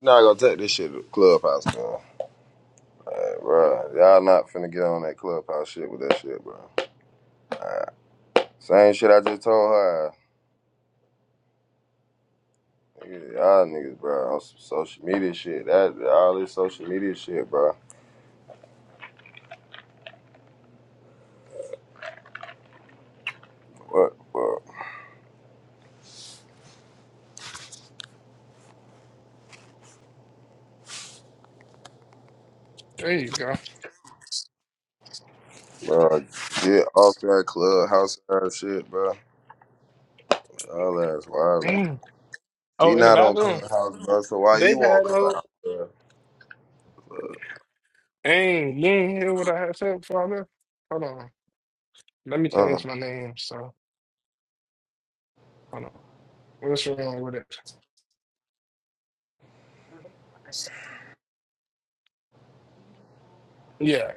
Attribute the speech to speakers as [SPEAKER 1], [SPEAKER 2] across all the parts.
[SPEAKER 1] Not gonna take this shit to clubhouse, man. Hey, bro, y'all not finna get on that clubhouse shit with that shit, bro. Same shit I just told her. Nigga, Y'all niggas, bro, on some social media shit. That all this social media shit, bro. What, bro?
[SPEAKER 2] There you go.
[SPEAKER 1] Bro, get off that clubhouse ass shit, bro. All ass wild.
[SPEAKER 2] Mm.
[SPEAKER 1] She
[SPEAKER 2] Oh, in the
[SPEAKER 1] not on
[SPEAKER 2] bathroom,
[SPEAKER 1] clubhouse, bro. So why
[SPEAKER 2] they
[SPEAKER 1] you on
[SPEAKER 2] had uh,
[SPEAKER 1] clubhouse, bro?
[SPEAKER 2] dang, you ain't hear what I had said, Father. Hold on, let me
[SPEAKER 1] Uh,
[SPEAKER 2] change my name. So, hold on, what's wrong with it? Yeah,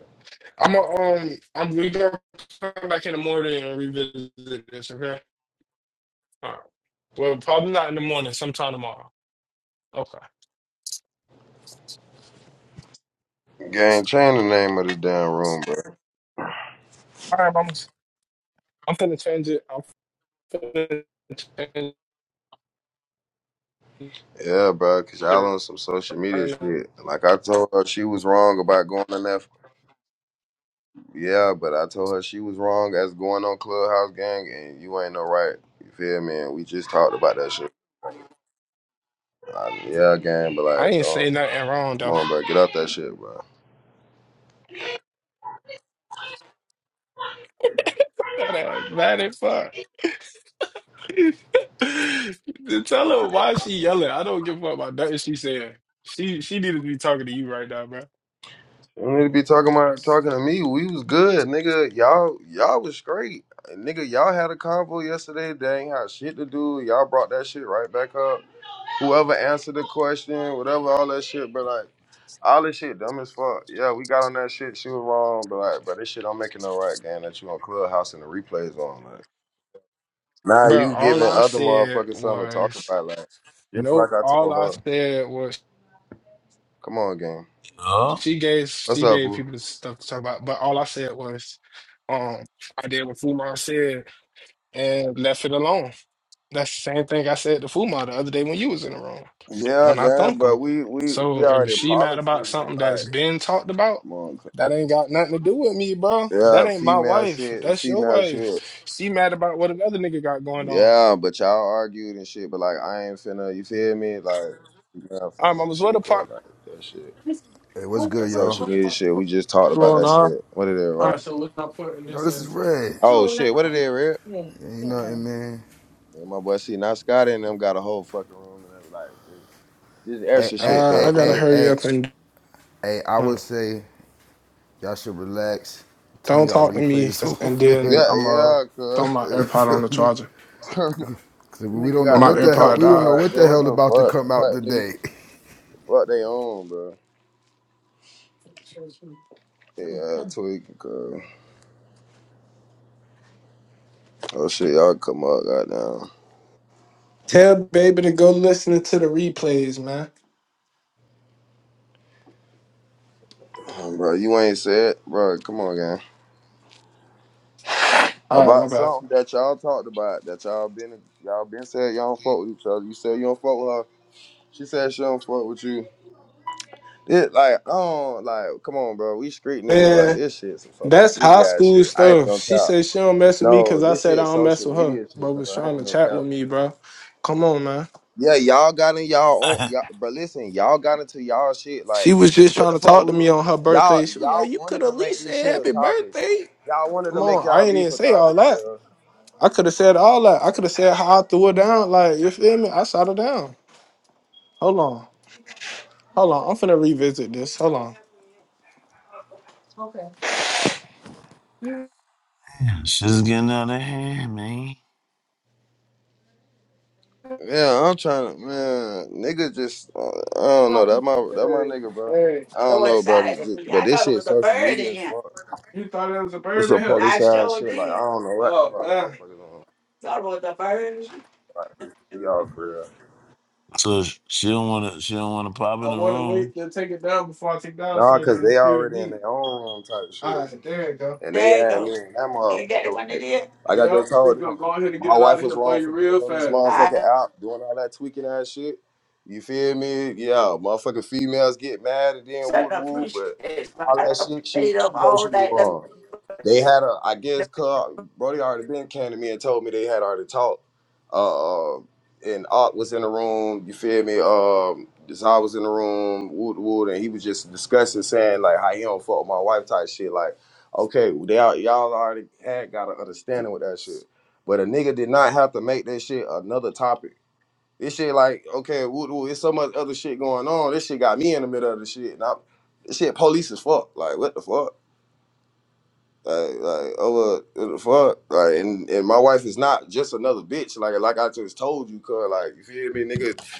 [SPEAKER 2] I'm a, um, I'm we gonna come back in the morning and revisit this. Okay. All right. Well, probably not in the morning. Sometime tomorrow. Okay.
[SPEAKER 1] game change the name of this damn room, bro.
[SPEAKER 2] All right, I'm I'm gonna change it. I'm gonna change
[SPEAKER 1] Yeah, bro, cause y'all
[SPEAKER 2] it
[SPEAKER 1] on some social media
[SPEAKER 2] right now.
[SPEAKER 1] shit. Like I told her she was wrong about going on that. Yeah, but I told her she was wrong as going on Clubhouse Gang, and you ain't no right. You feel me? And we just talked about that shit. I, yeah, gang, but
[SPEAKER 2] I
[SPEAKER 1] like,
[SPEAKER 2] ain't say
[SPEAKER 1] don't
[SPEAKER 2] nothing wrong
[SPEAKER 1] come
[SPEAKER 2] though.
[SPEAKER 1] on, bro, get out that shit, bro.
[SPEAKER 2] That ass bad as fuck. Tell her why she yelling. I don't give a fuck about nothing she said. She she needed to be talking to you right now, bro.
[SPEAKER 1] You need to be talking about talking to me. We was good, nigga. Y'all, y'all was great, nigga. Y'all had a convo yesterday. They ain't had shit to do. Y'all brought that shit right back up. Whoever answered the question, whatever, all that shit, bro. Like. All this shit dumb as fuck. Yeah, we got on that shit. She was wrong, but like, but this shit don't make it no right, gang. That you on Clubhouse and the replays on. Like, now
[SPEAKER 2] Bro,
[SPEAKER 1] you
[SPEAKER 2] all
[SPEAKER 1] giving
[SPEAKER 2] I
[SPEAKER 1] other
[SPEAKER 2] said
[SPEAKER 1] motherfuckers something to talk
[SPEAKER 2] was
[SPEAKER 1] about, like, just like
[SPEAKER 2] nope.
[SPEAKER 1] I
[SPEAKER 2] All
[SPEAKER 1] told
[SPEAKER 2] I
[SPEAKER 1] her.
[SPEAKER 2] said was
[SPEAKER 1] Come on, gang.
[SPEAKER 3] Oh,
[SPEAKER 2] she gave
[SPEAKER 1] What's
[SPEAKER 2] she
[SPEAKER 1] up,
[SPEAKER 2] gave
[SPEAKER 1] fool?
[SPEAKER 2] people the stuff to talk about, but all I said was um I did what Fumar said and left it alone. That's the same thing I said to Fuma the other day when you was in the room.
[SPEAKER 1] Yeah,
[SPEAKER 2] When I
[SPEAKER 1] gang.
[SPEAKER 2] thunk
[SPEAKER 1] But
[SPEAKER 2] him.
[SPEAKER 1] we we we
[SPEAKER 2] So if
[SPEAKER 1] already
[SPEAKER 2] she mad
[SPEAKER 1] politics,
[SPEAKER 2] about
[SPEAKER 1] gang.
[SPEAKER 2] something that's
[SPEAKER 1] Like,
[SPEAKER 2] been talked about,
[SPEAKER 1] come on. cuz.
[SPEAKER 2] that ain't got nothing to do with me, bro. That
[SPEAKER 1] Yeah,
[SPEAKER 2] ain't my
[SPEAKER 1] female
[SPEAKER 2] wife.
[SPEAKER 1] shit and
[SPEAKER 2] That's your
[SPEAKER 1] female
[SPEAKER 2] wife.
[SPEAKER 1] shit.
[SPEAKER 2] She mad about what another nigga got going on.
[SPEAKER 1] Yeah, but y'all argued and shit. But like, I ain't finna. You feel me? Like, female,
[SPEAKER 2] Um, I
[SPEAKER 1] female
[SPEAKER 2] was with
[SPEAKER 1] shit,
[SPEAKER 2] a
[SPEAKER 1] cuz
[SPEAKER 2] part.
[SPEAKER 1] like that shit.
[SPEAKER 4] Hey, what's
[SPEAKER 2] All
[SPEAKER 4] good,
[SPEAKER 1] That
[SPEAKER 4] y'all?
[SPEAKER 1] social media shit. We just talked about that shit. What it is, Rock?
[SPEAKER 2] right, so what I'm putting
[SPEAKER 4] Yo,
[SPEAKER 2] this
[SPEAKER 4] this is
[SPEAKER 2] into?
[SPEAKER 4] Red.
[SPEAKER 1] Oh shit, what it is, Red?
[SPEAKER 4] You know what I mean?
[SPEAKER 1] Man, my boy see now Scott and them got a whole fucking room and I'm like this, this
[SPEAKER 4] Hey,
[SPEAKER 1] extra
[SPEAKER 4] hey,
[SPEAKER 1] shit,
[SPEAKER 2] Uh,
[SPEAKER 1] cuz
[SPEAKER 4] hey,
[SPEAKER 2] I
[SPEAKER 1] for
[SPEAKER 2] gotta
[SPEAKER 4] hey,
[SPEAKER 1] no
[SPEAKER 2] hurry
[SPEAKER 4] hey,
[SPEAKER 2] up and
[SPEAKER 4] hey, I would
[SPEAKER 2] um,
[SPEAKER 4] say y'all should relax. Turn
[SPEAKER 2] don't
[SPEAKER 4] y'all
[SPEAKER 2] talk to me,
[SPEAKER 4] replays
[SPEAKER 2] and
[SPEAKER 4] off,
[SPEAKER 2] then
[SPEAKER 4] man.
[SPEAKER 1] Yeah,
[SPEAKER 2] I'm gonna
[SPEAKER 1] yeah,
[SPEAKER 2] throw
[SPEAKER 1] cuz
[SPEAKER 2] my AirPod on
[SPEAKER 4] Feel
[SPEAKER 2] the
[SPEAKER 4] me?
[SPEAKER 2] charger.
[SPEAKER 4] Cause
[SPEAKER 1] the
[SPEAKER 4] we
[SPEAKER 1] nigga
[SPEAKER 4] don't know
[SPEAKER 1] got the
[SPEAKER 2] My
[SPEAKER 4] what the hell
[SPEAKER 1] replays.
[SPEAKER 2] AirPod
[SPEAKER 4] we
[SPEAKER 1] I'm
[SPEAKER 4] don't
[SPEAKER 2] died.
[SPEAKER 4] know
[SPEAKER 1] like,
[SPEAKER 4] what the
[SPEAKER 1] bro, what
[SPEAKER 4] hell
[SPEAKER 1] the
[SPEAKER 4] about to
[SPEAKER 1] fuck?
[SPEAKER 4] come out
[SPEAKER 1] Type nigga,
[SPEAKER 4] today.
[SPEAKER 1] fuck they own, bro. Yeah, tweaking, cuz. Oh shit, y'all come up, goddamn.
[SPEAKER 2] Tell baby to go listen to the replays, man.
[SPEAKER 1] Damn, Bro, you ain't said, bro. Come on, gang.
[SPEAKER 2] All right, my
[SPEAKER 1] About
[SPEAKER 2] bad.
[SPEAKER 1] something that y'all talked about, that y'all been y'all been said y'all don't fuck with each other. You said you don't fuck with her. She said she don't fuck with you. It, like, I don't, like, come on, bro. We street niggas like
[SPEAKER 2] Man,
[SPEAKER 1] this shit some social
[SPEAKER 2] that's high
[SPEAKER 1] media ass
[SPEAKER 2] school
[SPEAKER 1] shit. I ain't
[SPEAKER 2] stuff.
[SPEAKER 1] gonna
[SPEAKER 2] She
[SPEAKER 1] count.
[SPEAKER 2] said she don't mess with me
[SPEAKER 1] No,
[SPEAKER 2] because I
[SPEAKER 1] this shit
[SPEAKER 2] said I
[SPEAKER 1] is
[SPEAKER 2] don't mess
[SPEAKER 1] social
[SPEAKER 2] with her,
[SPEAKER 1] media shit,
[SPEAKER 2] but
[SPEAKER 1] bro.
[SPEAKER 2] was
[SPEAKER 1] I
[SPEAKER 2] trying
[SPEAKER 1] ain't
[SPEAKER 2] to
[SPEAKER 1] gonna
[SPEAKER 2] chat
[SPEAKER 1] count.
[SPEAKER 2] with me, bro. Come on, man.
[SPEAKER 1] Yeah, y'all got in y'all own y'all, but listen, y'all got into y'all shit.
[SPEAKER 2] She
[SPEAKER 1] Like,
[SPEAKER 2] was just
[SPEAKER 1] what
[SPEAKER 2] trying
[SPEAKER 1] the
[SPEAKER 2] to
[SPEAKER 1] fuck?
[SPEAKER 2] talk
[SPEAKER 1] We,
[SPEAKER 2] to me on her
[SPEAKER 1] y'all
[SPEAKER 2] birthday. She was like,
[SPEAKER 1] y'all
[SPEAKER 2] You could
[SPEAKER 1] wanted
[SPEAKER 2] at
[SPEAKER 1] to make
[SPEAKER 2] least
[SPEAKER 1] this
[SPEAKER 2] say
[SPEAKER 1] shit a
[SPEAKER 2] happy
[SPEAKER 1] topic.
[SPEAKER 2] birthday.
[SPEAKER 1] Y'all wanted
[SPEAKER 2] Come
[SPEAKER 1] to make
[SPEAKER 2] on, I
[SPEAKER 1] y'all
[SPEAKER 2] ain't
[SPEAKER 1] beef
[SPEAKER 2] even
[SPEAKER 1] a
[SPEAKER 2] say all
[SPEAKER 1] topic,
[SPEAKER 2] that.
[SPEAKER 1] bro.
[SPEAKER 2] I could have said all that. I could have said how I threw her down. Like, you feel me? I shot her down. Hold on. Hold on. I'm finna revisit this. Hold on.
[SPEAKER 3] she's getting out of hand, man.
[SPEAKER 1] Yeah, I'm trying to man, nigga. Just uh, I don't know that
[SPEAKER 2] Welcome.
[SPEAKER 1] my that my
[SPEAKER 2] Hey,
[SPEAKER 1] nigga, bro.
[SPEAKER 2] hey.
[SPEAKER 1] I
[SPEAKER 2] So
[SPEAKER 1] don't
[SPEAKER 2] what
[SPEAKER 1] know, bro.
[SPEAKER 2] decided to
[SPEAKER 1] Just-
[SPEAKER 2] be?
[SPEAKER 1] But
[SPEAKER 2] I
[SPEAKER 1] this
[SPEAKER 2] thought it
[SPEAKER 1] shit,
[SPEAKER 2] was a
[SPEAKER 1] social
[SPEAKER 2] bird in
[SPEAKER 1] media is
[SPEAKER 2] here.
[SPEAKER 1] fuck.
[SPEAKER 2] You thought it was a
[SPEAKER 1] It's
[SPEAKER 2] bird in
[SPEAKER 1] some
[SPEAKER 2] here?
[SPEAKER 1] police
[SPEAKER 2] I
[SPEAKER 1] ass
[SPEAKER 2] sure
[SPEAKER 1] shit. Like I
[SPEAKER 2] did.
[SPEAKER 1] don't know what the
[SPEAKER 2] Oh
[SPEAKER 1] fuck
[SPEAKER 2] man,
[SPEAKER 1] motherfuckers on
[SPEAKER 2] Thought it was a bird.
[SPEAKER 1] shit. Like, y'all for real.
[SPEAKER 3] So sh- she don't want to. She don't want to pop
[SPEAKER 2] I
[SPEAKER 3] in the
[SPEAKER 2] want to
[SPEAKER 3] room.
[SPEAKER 2] wait to take it down before I take it down
[SPEAKER 1] Nah,
[SPEAKER 2] so I
[SPEAKER 1] cause they
[SPEAKER 2] can hear it
[SPEAKER 1] already in
[SPEAKER 2] beat.
[SPEAKER 1] their own room type
[SPEAKER 2] All
[SPEAKER 1] shit.
[SPEAKER 2] right, there you go.
[SPEAKER 1] And they
[SPEAKER 2] There you
[SPEAKER 1] had me
[SPEAKER 2] go.
[SPEAKER 1] and that
[SPEAKER 2] Ain't that the
[SPEAKER 1] motherfucker
[SPEAKER 2] one it
[SPEAKER 1] like,
[SPEAKER 2] is?
[SPEAKER 1] like I
[SPEAKER 2] Yeah,
[SPEAKER 1] just
[SPEAKER 2] we're
[SPEAKER 1] told
[SPEAKER 2] gonna
[SPEAKER 1] them,
[SPEAKER 2] go ahead and get
[SPEAKER 1] my
[SPEAKER 2] it out
[SPEAKER 1] wife
[SPEAKER 2] of
[SPEAKER 1] was
[SPEAKER 2] here for
[SPEAKER 1] wrong for
[SPEAKER 2] you real
[SPEAKER 1] getting on this
[SPEAKER 2] fast. I
[SPEAKER 1] motherfucking app, doing all that tweaking ass shit. You feel me? Yeah, motherfucking females get mad and then woo
[SPEAKER 2] certainly
[SPEAKER 1] woo,
[SPEAKER 2] appreciate
[SPEAKER 1] but
[SPEAKER 2] it.
[SPEAKER 1] all
[SPEAKER 2] I
[SPEAKER 1] that
[SPEAKER 2] done
[SPEAKER 1] shit, she
[SPEAKER 2] stayed
[SPEAKER 1] she
[SPEAKER 2] up
[SPEAKER 1] knows
[SPEAKER 2] all
[SPEAKER 1] she was
[SPEAKER 2] night. Let's
[SPEAKER 1] wrong. They had a, I guess,
[SPEAKER 2] do
[SPEAKER 1] cause Brody already been came to me and told me they had already talked. Uh, and Art was in the room. You feel me? Um, Desire was in the room. Wood, Wood, and he was just discussing, saying like how he don't fuck with my wife type shit. Like, okay, they all, y'all already had got an understanding with that shit. But a nigga did not have to make that shit another topic. This shit like, okay, Wood, Wood, it's so much other shit going on. This shit got me in the middle of the shit. And I'm, this shit police as fuck. Like, what the fuck? Like, like, over the fuck? Like, and, and my wife is not just another bitch. Like, like I just told you, cause like, you feel me, nigga?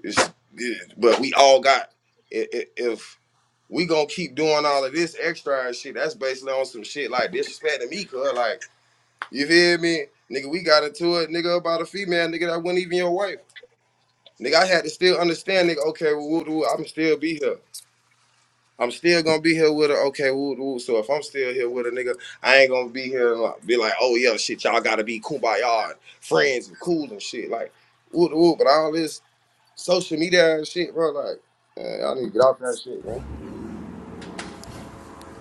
[SPEAKER 1] It's, it- but we all got, i- i- if we gonna keep doing all of this extra and shit, that's basically on some shit like disrespecting me, cause like, you feel me? Nigga, we got into it, nigga, about a female, nigga, that wasn't even your wife. Nigga, I had to still understand, nigga, okay, well, woo, woo, I'm still be here. I'm still gonna be here with her. Okay, woo, woo. So if I'm still here with a nigga, I ain't gonna be here and like, be like, oh yeah, shit, y'all gotta be kumbaya and friends and cool and shit. Like, woo, woo. But all this social media and shit, bro, like, man, y'all need to get off that shit, man.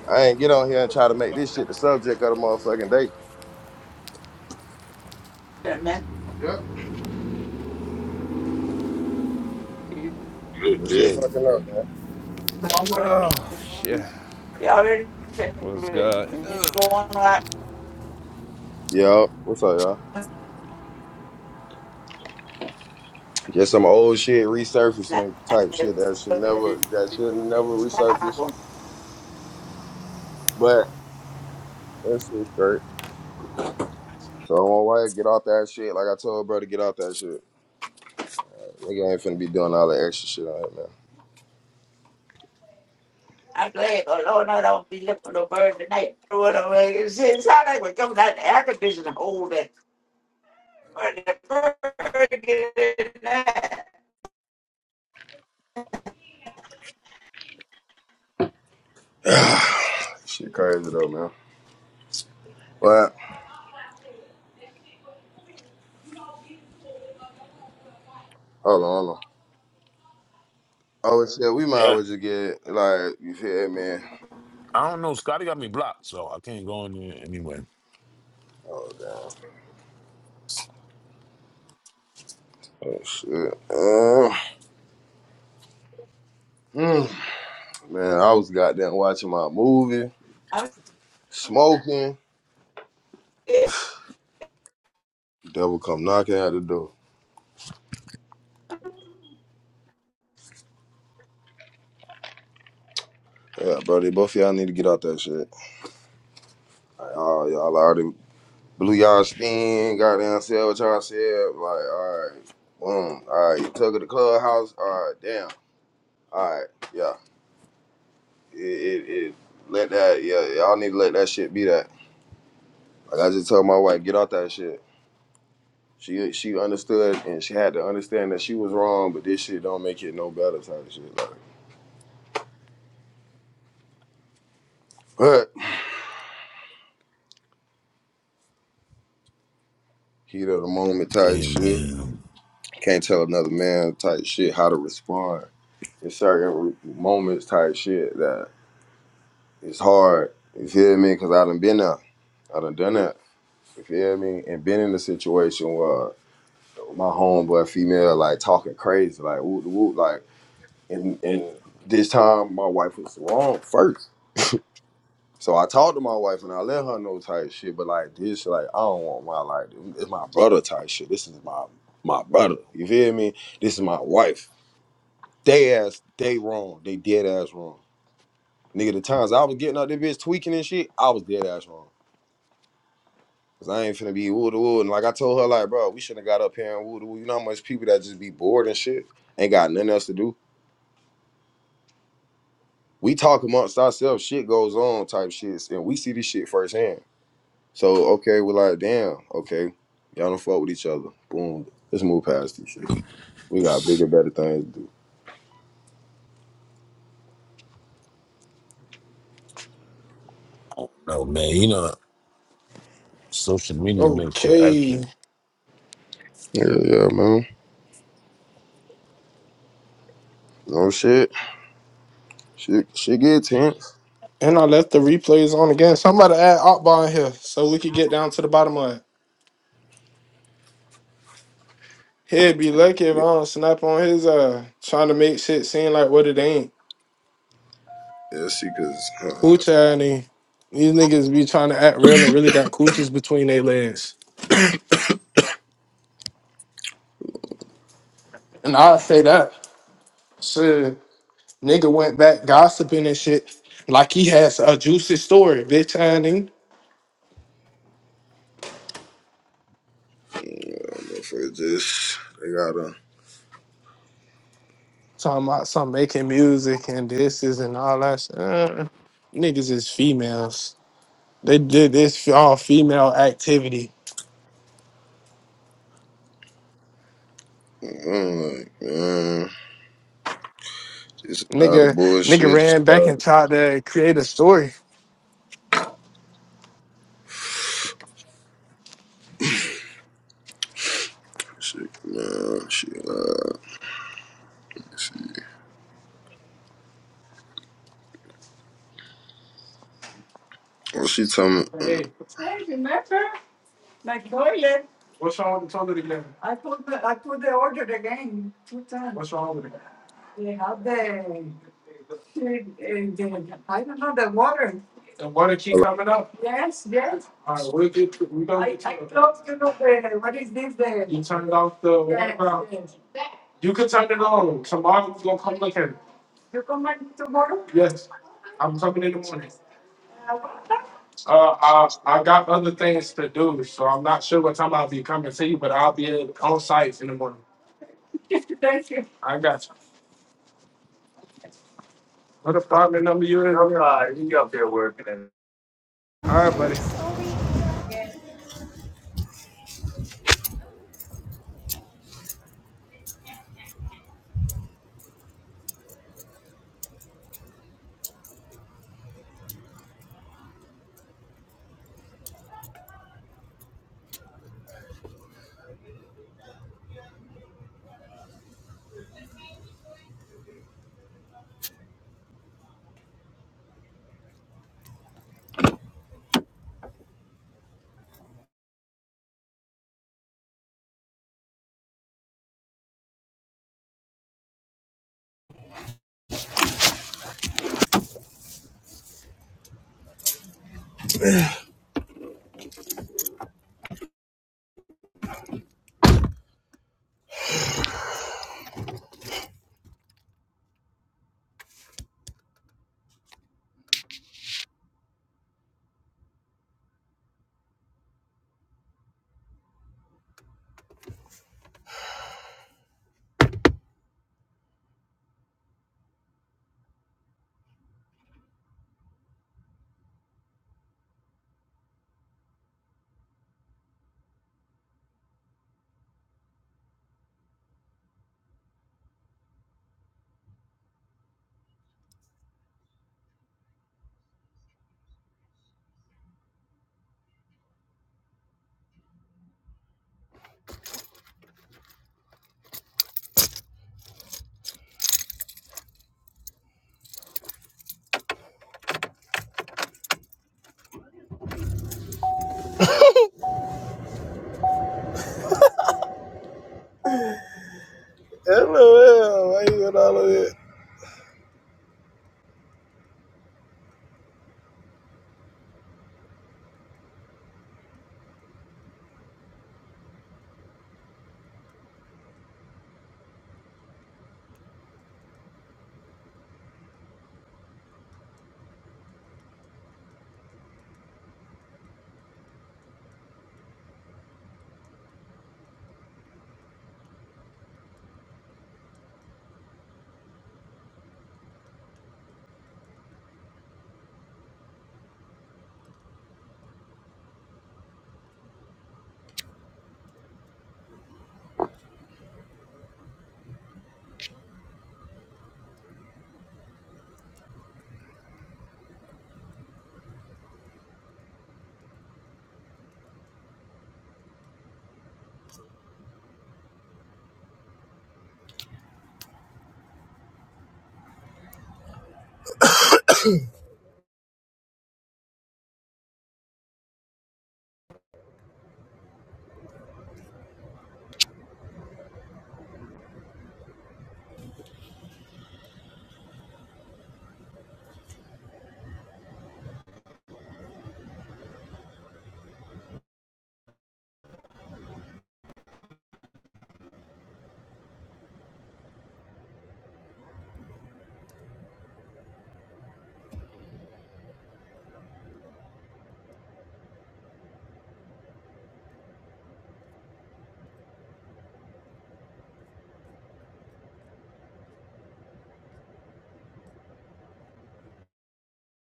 [SPEAKER 1] I ain't get on here and try to make this shit the subject of the motherfucking day.
[SPEAKER 2] it man.
[SPEAKER 1] This shit fucking up, man.
[SPEAKER 5] Yeah,
[SPEAKER 2] He already said
[SPEAKER 5] what's
[SPEAKER 2] it.
[SPEAKER 5] good?
[SPEAKER 2] And it's going like
[SPEAKER 1] Yup. What's up, y'all? Just some old shit resurfacing type shit that should never that should never resurface. But that's it, straight. So my wife, get off that shit. Like I told her, bro, get off that shit. Nigga ain't finna be doing all that extra shit on it, man.
[SPEAKER 2] I'm glad the Lord know I don't be looking for no bird tonight. I It's, not like we come down the air conditioning hole that bird get in there.
[SPEAKER 1] Shit crazy though, man. But hold on, hold on. Oh shit, we might as
[SPEAKER 3] Yeah,
[SPEAKER 1] well just get like you feel me, man.
[SPEAKER 3] I don't know. Scotty got me blocked, so I can't go in there anyway.
[SPEAKER 1] Oh damn. Oh shit. Uh, mm. man, I was goddamn watching my movie,
[SPEAKER 2] I'm
[SPEAKER 1] smoking.
[SPEAKER 2] yeah.
[SPEAKER 1] Devil come knocking at the door. Yeah, bro, they both of y'all need to get out that shit. Like, oh, y'all already blew y'all spin, goddamn said what y'all said. Like, all right, boom, all right, you took it to clubhouse. All right, damn, all right, yeah, it, it, it let that, yeah, y'all need to let that shit be that. Like I just told my wife, get off that shit. She she understood and she had to understand that she was wrong, but this shit don't make it no better type shit. Like, but heat of the moment type
[SPEAKER 3] And
[SPEAKER 1] shit.
[SPEAKER 3] man,
[SPEAKER 1] Can't tell another man type shit how to respond in certain moments type shit that. It's hard. You feel me? Because I done been there. I done done that. You feel me? And been in a situation where my homeboy female like talking crazy, like whoop whoop, like and and this time my wife was wrong first. So I talked to my wife and I let her know type shit, but like this, like I don't want my like it's my brother type shit. This is my my brother. You feel me? This is my wife. They ass, they wrong. They dead ass wrong. Nigga, the times I was getting out there bitch tweaking and shit, I was dead ass wrong. Cause I ain't finna be woo to woo. And like I told her, like, bro, we shouldn't have got up here and woo to woo. You know how much people that just be bored and shit ain't got nothing else to do. We talk amongst ourselves, shit goes on type shits, and we see this shit firsthand. So okay, we're like, damn, okay, y'all don't fuck with each other. Boom, let's move past this shit. We got bigger, better things to do.
[SPEAKER 3] no man, you know, social media makes you
[SPEAKER 2] Okay.
[SPEAKER 3] extra.
[SPEAKER 1] Yeah, yeah, man. No shit, shit, shit get tense.
[SPEAKER 2] And I left the replays on again. Somebody add Akbar in here so we could get down to the bottom of it. He'd be lucky if I
[SPEAKER 1] Yeah,
[SPEAKER 2] don't snap on his uh trying to make shit seem like what it ain't.
[SPEAKER 1] yeah, see, cause uh,
[SPEAKER 2] Coochie and these niggas be trying to act real and really got coochies between their legs. And I say that. Shit. Nigga went back gossiping and shit. Like he has a juicy story, bitch and
[SPEAKER 1] yeah, motherfuckers just they gotta.
[SPEAKER 2] Talking about some making music and this is and all that shit. Uh, niggas is females. They did this for all female activity.
[SPEAKER 1] Mm, This is all the
[SPEAKER 2] Nigga, nigga
[SPEAKER 1] bullshit.
[SPEAKER 2] ran back
[SPEAKER 1] Stop.
[SPEAKER 2] and tried to create a story.
[SPEAKER 1] Shit, man. Shit. Uh, shit. Well, she told me.
[SPEAKER 2] Hey,
[SPEAKER 1] mm,
[SPEAKER 2] Like toilet, What's wrong with the toilet again? I put the, I put the order again two times. What's wrong with it? They have the, the, the I don't know the water. The water keep coming up. Yes, yes. All right, we'll get to, we don't. I get I to it. close you know the what is this the You turn it off the water yes, valve. yes. You can turn it on. Tomorrow we're gonna come look at it. You come back tomorrow? Yes. I'm coming in the morning. Uh, I, I got other things to do, so I'm not sure what time I'll be coming to you, but I'll be on site in the morning. Thank you. I got you. What apartment number you in? I'm uh, you up there working. and- All right, buddy. LOL. Why you got all of that?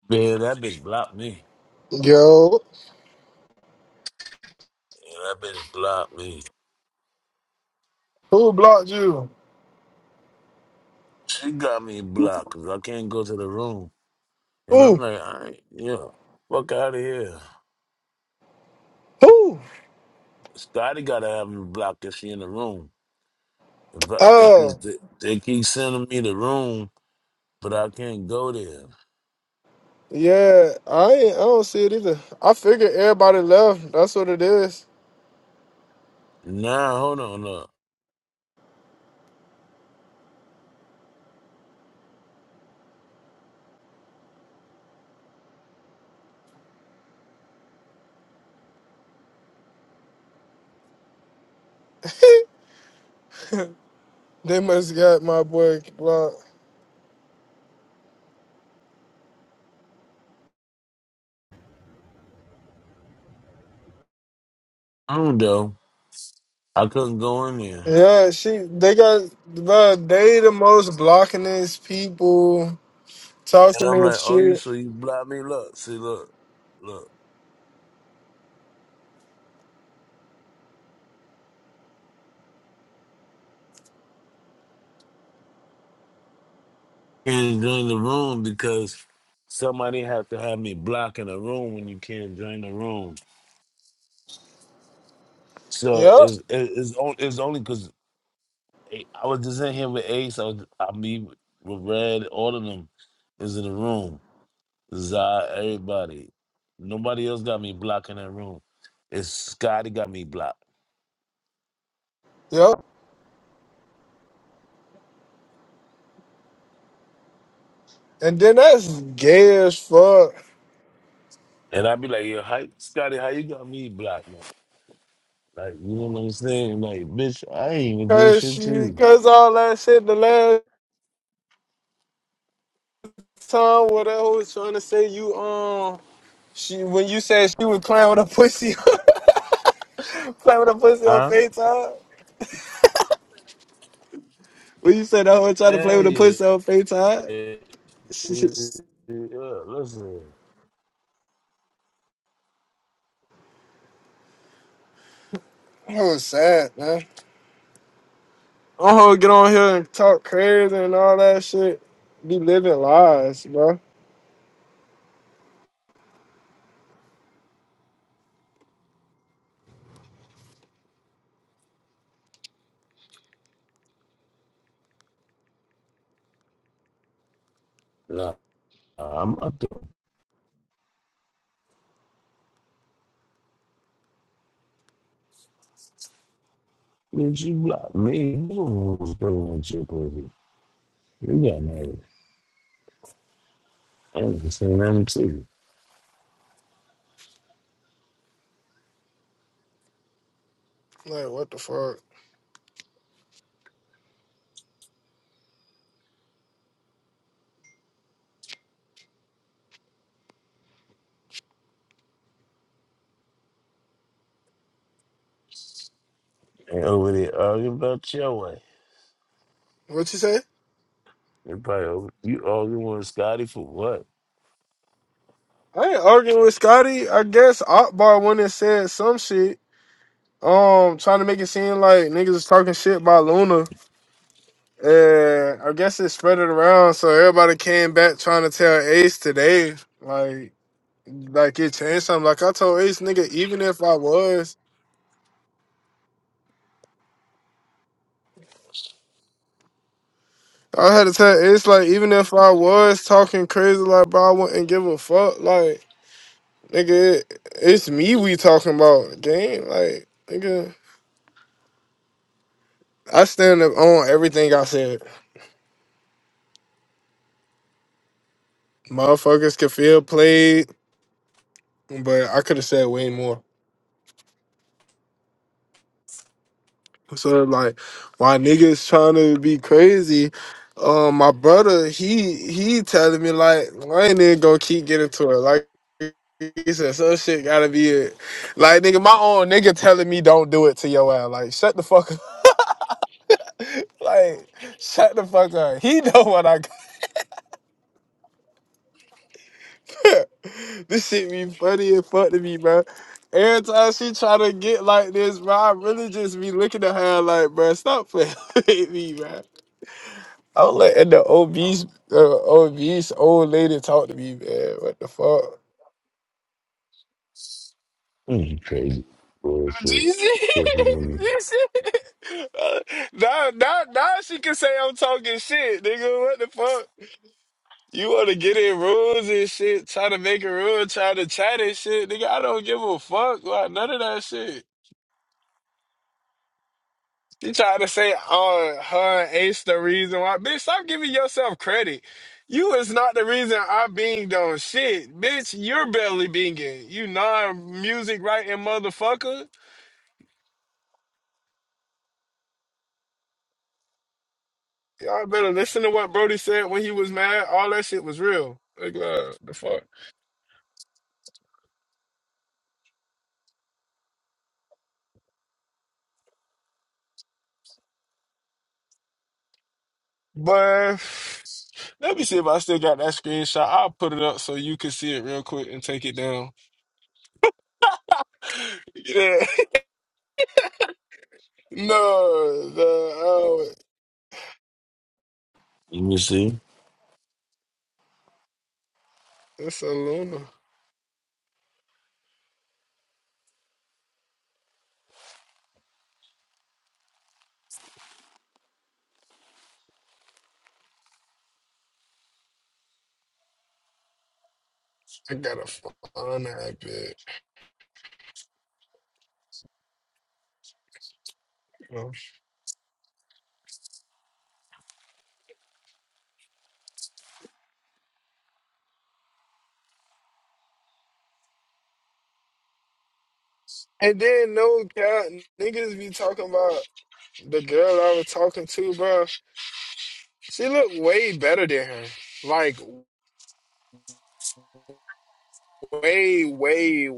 [SPEAKER 3] Man, that bitch blocked me.
[SPEAKER 2] Yo,
[SPEAKER 3] Yeah, that bitch blocked me.
[SPEAKER 2] who blocked you?
[SPEAKER 3] She got me blocked because I can't go to the room. And I'm
[SPEAKER 2] Who?
[SPEAKER 3] like, all right, yeah, fuck out of here.
[SPEAKER 2] Who?
[SPEAKER 3] Scotty gotta have me blocked if she in the room. Because
[SPEAKER 2] Oh,
[SPEAKER 3] they, they keep sending me the room but I can't go there.
[SPEAKER 2] yeah. I ain't, I don't see it either. I figured everybody left. That's what it is.
[SPEAKER 3] Nah, hold on, look.
[SPEAKER 2] they must got my boy blocked.
[SPEAKER 3] I don't know. I couldn't go in there.
[SPEAKER 2] Yeah, she they got bro, they the most blockingest people
[SPEAKER 3] And
[SPEAKER 2] talking
[SPEAKER 3] I'm
[SPEAKER 2] this
[SPEAKER 3] like, oh, you
[SPEAKER 2] shit.
[SPEAKER 3] so you blocked me? Look, see, look, look. Can't join the room because somebody have to have me blocking the room when you can't join the room. So
[SPEAKER 2] Yep,
[SPEAKER 3] it's it- it's on- it's only because I was just in here with Ace. I was, I mean, with Red, all of them is in the room. Zai, everybody. Nobody else got me blocking that room. It's Scotty got me blocked.
[SPEAKER 2] yep. And then that's gay as fuck.
[SPEAKER 3] And I'd be like, yo, how, Scotty, how you got me blocked, man? Like, you know what I'm saying? Like, bitch, I ain't even do
[SPEAKER 2] Cause
[SPEAKER 3] shit
[SPEAKER 2] she
[SPEAKER 3] to you.
[SPEAKER 2] cause all that shit the last time what that hoe was trying to say you um she when you said she was playing with a pussy playing with a pussy on
[SPEAKER 3] Huh?
[SPEAKER 2] FaceTime. When you said that hoe was trying to play with a
[SPEAKER 3] And yeah,
[SPEAKER 2] pussy on FaceTime.
[SPEAKER 3] yeah,
[SPEAKER 2] That
[SPEAKER 3] yeah, listen.
[SPEAKER 2] was sad, man. Don't hold get on here and talk crazy and all that shit. Be living lies, bro.
[SPEAKER 3] Nah, I'm not the bitch, you blocked me. You know what was going on with your pussy. You got mad. I ain't saying nothing to you.
[SPEAKER 2] Like what the fuck?
[SPEAKER 3] And over there arguing about your way.
[SPEAKER 2] What you say?
[SPEAKER 3] You probably over- you arguing with Scotty for what?
[SPEAKER 2] I ain't arguing with Scotty. I guess Akbar went and said some shit. Um, trying to make it seem like niggas is talking shit about Luna. And I guess it spread it around, so everybody came back trying to tell Ace today, like, like it changed something. Like I told Ace, nigga, even if I was, I had to tell Ace, like, even if I was talking crazy, like, bro, I wouldn't give a fuck, like. Nigga, it's me we talking about game. Like, nigga, I stand up on everything I said. Motherfuckers can feel played, but I could have said way more. So like, why niggas trying to be crazy? Um, my brother, he he telling me like, I ain't nigga gonna keep getting to it? Like he said, some shit gotta be it. Like nigga, my own nigga telling me don't do it to your ass. Like shut the fuck up. Like shut the fuck up. He know what I got. this shit be funny and fuck to me, bro. Every time she try to get like this, bro, I really just be looking at her like, bro, stop playing with me, bro. I'm letting the obese, uh, obese old lady talk to me, man. What the fuck?
[SPEAKER 3] Mm, you crazy. Bullshit.
[SPEAKER 2] Jesus,
[SPEAKER 3] Cookie woman.
[SPEAKER 2] Jesus. now, now, now she can say I'm talking shit, nigga. What the fuck? You want to get in rules and shit, try to make a rule, try to chat and shit, nigga. I don't give a fuck about none of that shit. You try to say "Oh, her and Ace the reason why. Bitch, stop giving yourself credit. You is not the reason I being done shit. Bitch, you're barely binging. You non-music writing motherfucker. Y'all better listen to what Brody said when he was mad. All that shit was real. Like, uh, the fuck? But let me see if I still got that screenshot. I'll put it up so you can see it real quick and take it down. Yeah. No, the, oh,
[SPEAKER 3] You see?
[SPEAKER 2] it's a Luna. I got a fun that bit. bro. And then no cap, niggas be talking about the girl I was talking to, bro. She looked way better than her. Like way, way,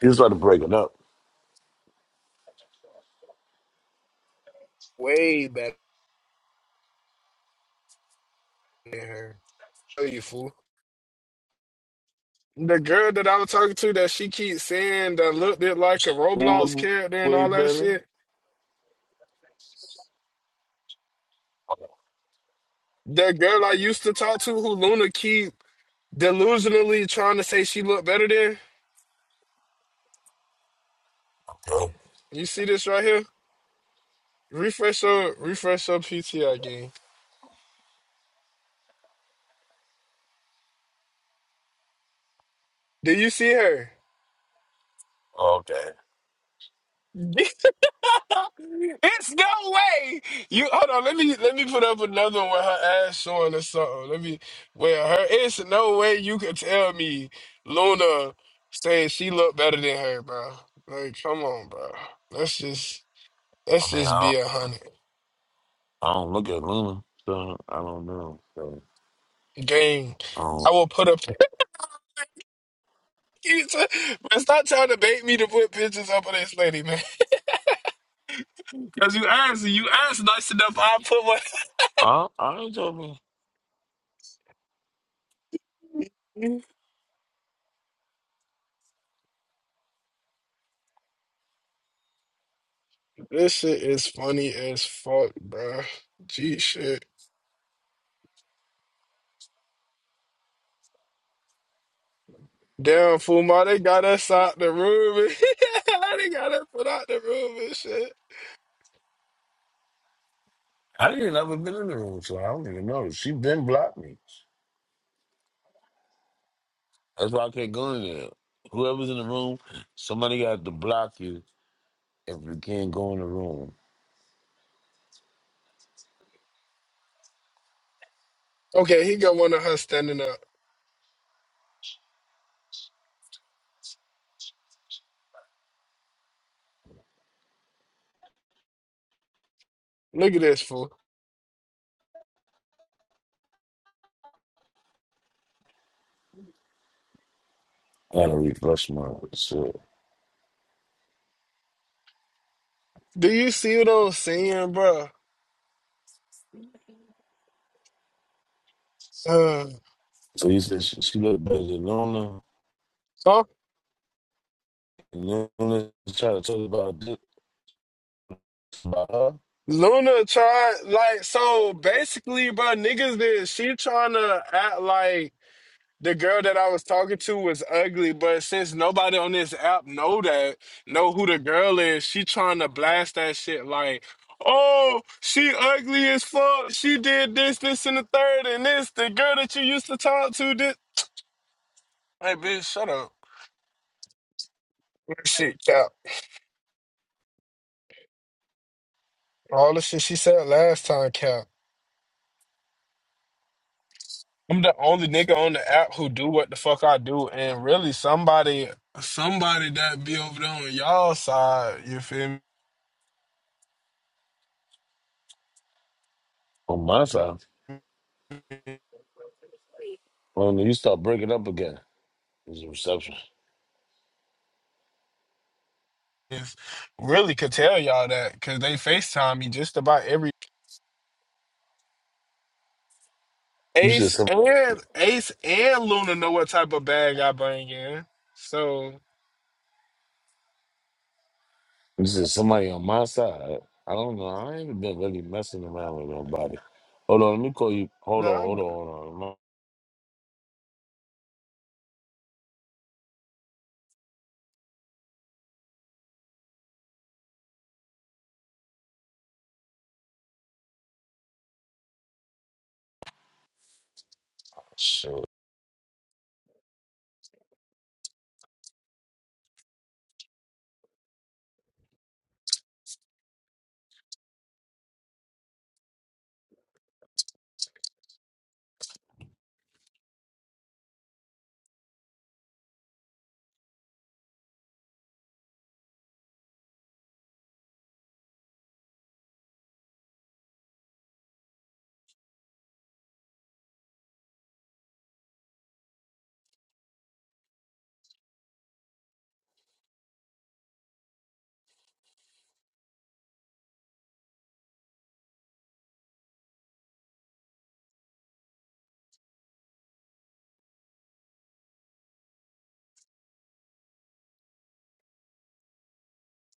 [SPEAKER 3] He was about to break it up.
[SPEAKER 2] way better than her. Tell you fool. The girl that I was talking to that she keeps saying that looked it like a
[SPEAKER 3] Who
[SPEAKER 2] Roblox
[SPEAKER 3] look
[SPEAKER 2] character and
[SPEAKER 3] way
[SPEAKER 2] all that
[SPEAKER 3] better?
[SPEAKER 2] shit. That girl I used to talk to who Luna keep delusionally trying to say she looked better than.
[SPEAKER 3] Oh,
[SPEAKER 2] You see this right here? Refresh your refresh your PTR game. Did you see her?
[SPEAKER 3] okay.
[SPEAKER 2] it's no way. You hold on. Let me let me put up another one with her ass showing or something. Let me. Well, her. It's no way you could tell me Luna saying she looked better than her, bro. Like, come on, bro. Let's just
[SPEAKER 3] I
[SPEAKER 2] let's
[SPEAKER 3] mean,
[SPEAKER 2] just
[SPEAKER 3] I
[SPEAKER 2] be
[SPEAKER 3] don't,
[SPEAKER 2] a hundred.
[SPEAKER 3] I don't look at Luna, so I don't know. So
[SPEAKER 2] Game.
[SPEAKER 3] I
[SPEAKER 2] I
[SPEAKER 3] don't.
[SPEAKER 2] will put up. You t- but stop trying to bait me to put pictures up of this lady, man. Because you asked, you asked nice enough. I put one.
[SPEAKER 3] I, I ain't told me.
[SPEAKER 2] This shit is funny as fuck, bro. G shit. Damn, Fuma, they got us out the room. and- they got us put out the room and shit.
[SPEAKER 3] I didn't ever been in the room, so I don't even know. She been blocked me. That's why I can't go in there. Whoever's in the room, somebody got to block you if you can't go in the room.
[SPEAKER 2] Okay, he got one of her standing up. Look at this, fool.
[SPEAKER 3] I gotta refresh my so.
[SPEAKER 2] Do you see what I'm saying, bro? Uh,
[SPEAKER 3] So you said she, she looked better than Luna.
[SPEAKER 2] so
[SPEAKER 3] And Luna try to talk about this about her
[SPEAKER 2] Luna tried, like, so basically, bro, niggas did. She trying to act like. The girl that I was talking to was ugly, but since nobody on this app know that, know who the girl is, she trying to blast that shit like, oh, she ugly as fuck. She did this, this, and the third, and this. The girl that you used to talk to, this. Hey, bitch, shut up. That Shit, Cap. All the shit she said last time, Cap. I'm the only nigga on the app who do what the fuck I do, and really somebody, somebody that be over there on y'all side, you feel
[SPEAKER 3] on my side.
[SPEAKER 2] me?
[SPEAKER 3] Luna, you start breaking up again. It's a reception.
[SPEAKER 2] is really could tell y'all that because they FaceTime me just about every
[SPEAKER 3] This is
[SPEAKER 2] Ace
[SPEAKER 3] some.
[SPEAKER 2] and Ace and Luna know what type of bag I bring in. So
[SPEAKER 3] This is somebody on my side. I don't know. I ain't been really messing around with nobody. Hold on, let me call you. Hold
[SPEAKER 2] no,
[SPEAKER 3] on,
[SPEAKER 2] I'm-
[SPEAKER 3] hold on, hold on. No. So,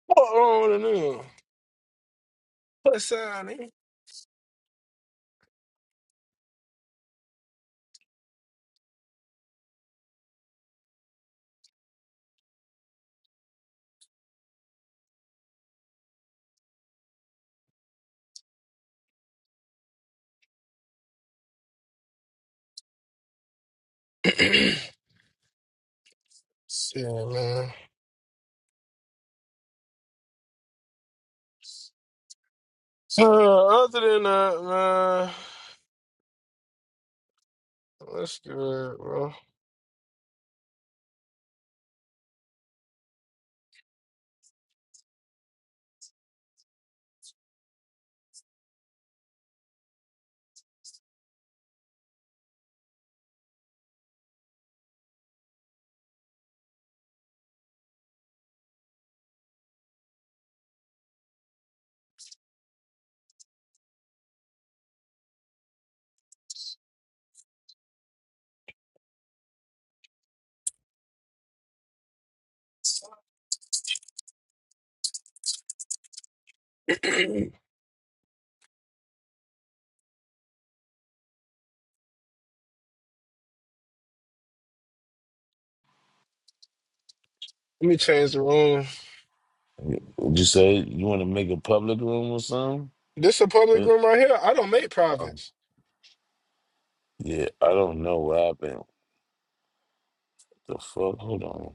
[SPEAKER 2] what on the new? What's on it? Shit, man. Uh, other than that, man, let's do it, bro. Let me change the room.
[SPEAKER 3] would you say you want to make a public room or something?
[SPEAKER 2] This a public
[SPEAKER 3] It,
[SPEAKER 2] room right here. I don't make
[SPEAKER 3] um,
[SPEAKER 2] privates.
[SPEAKER 3] yeah, I don't know what happened. The fuck? Hold on.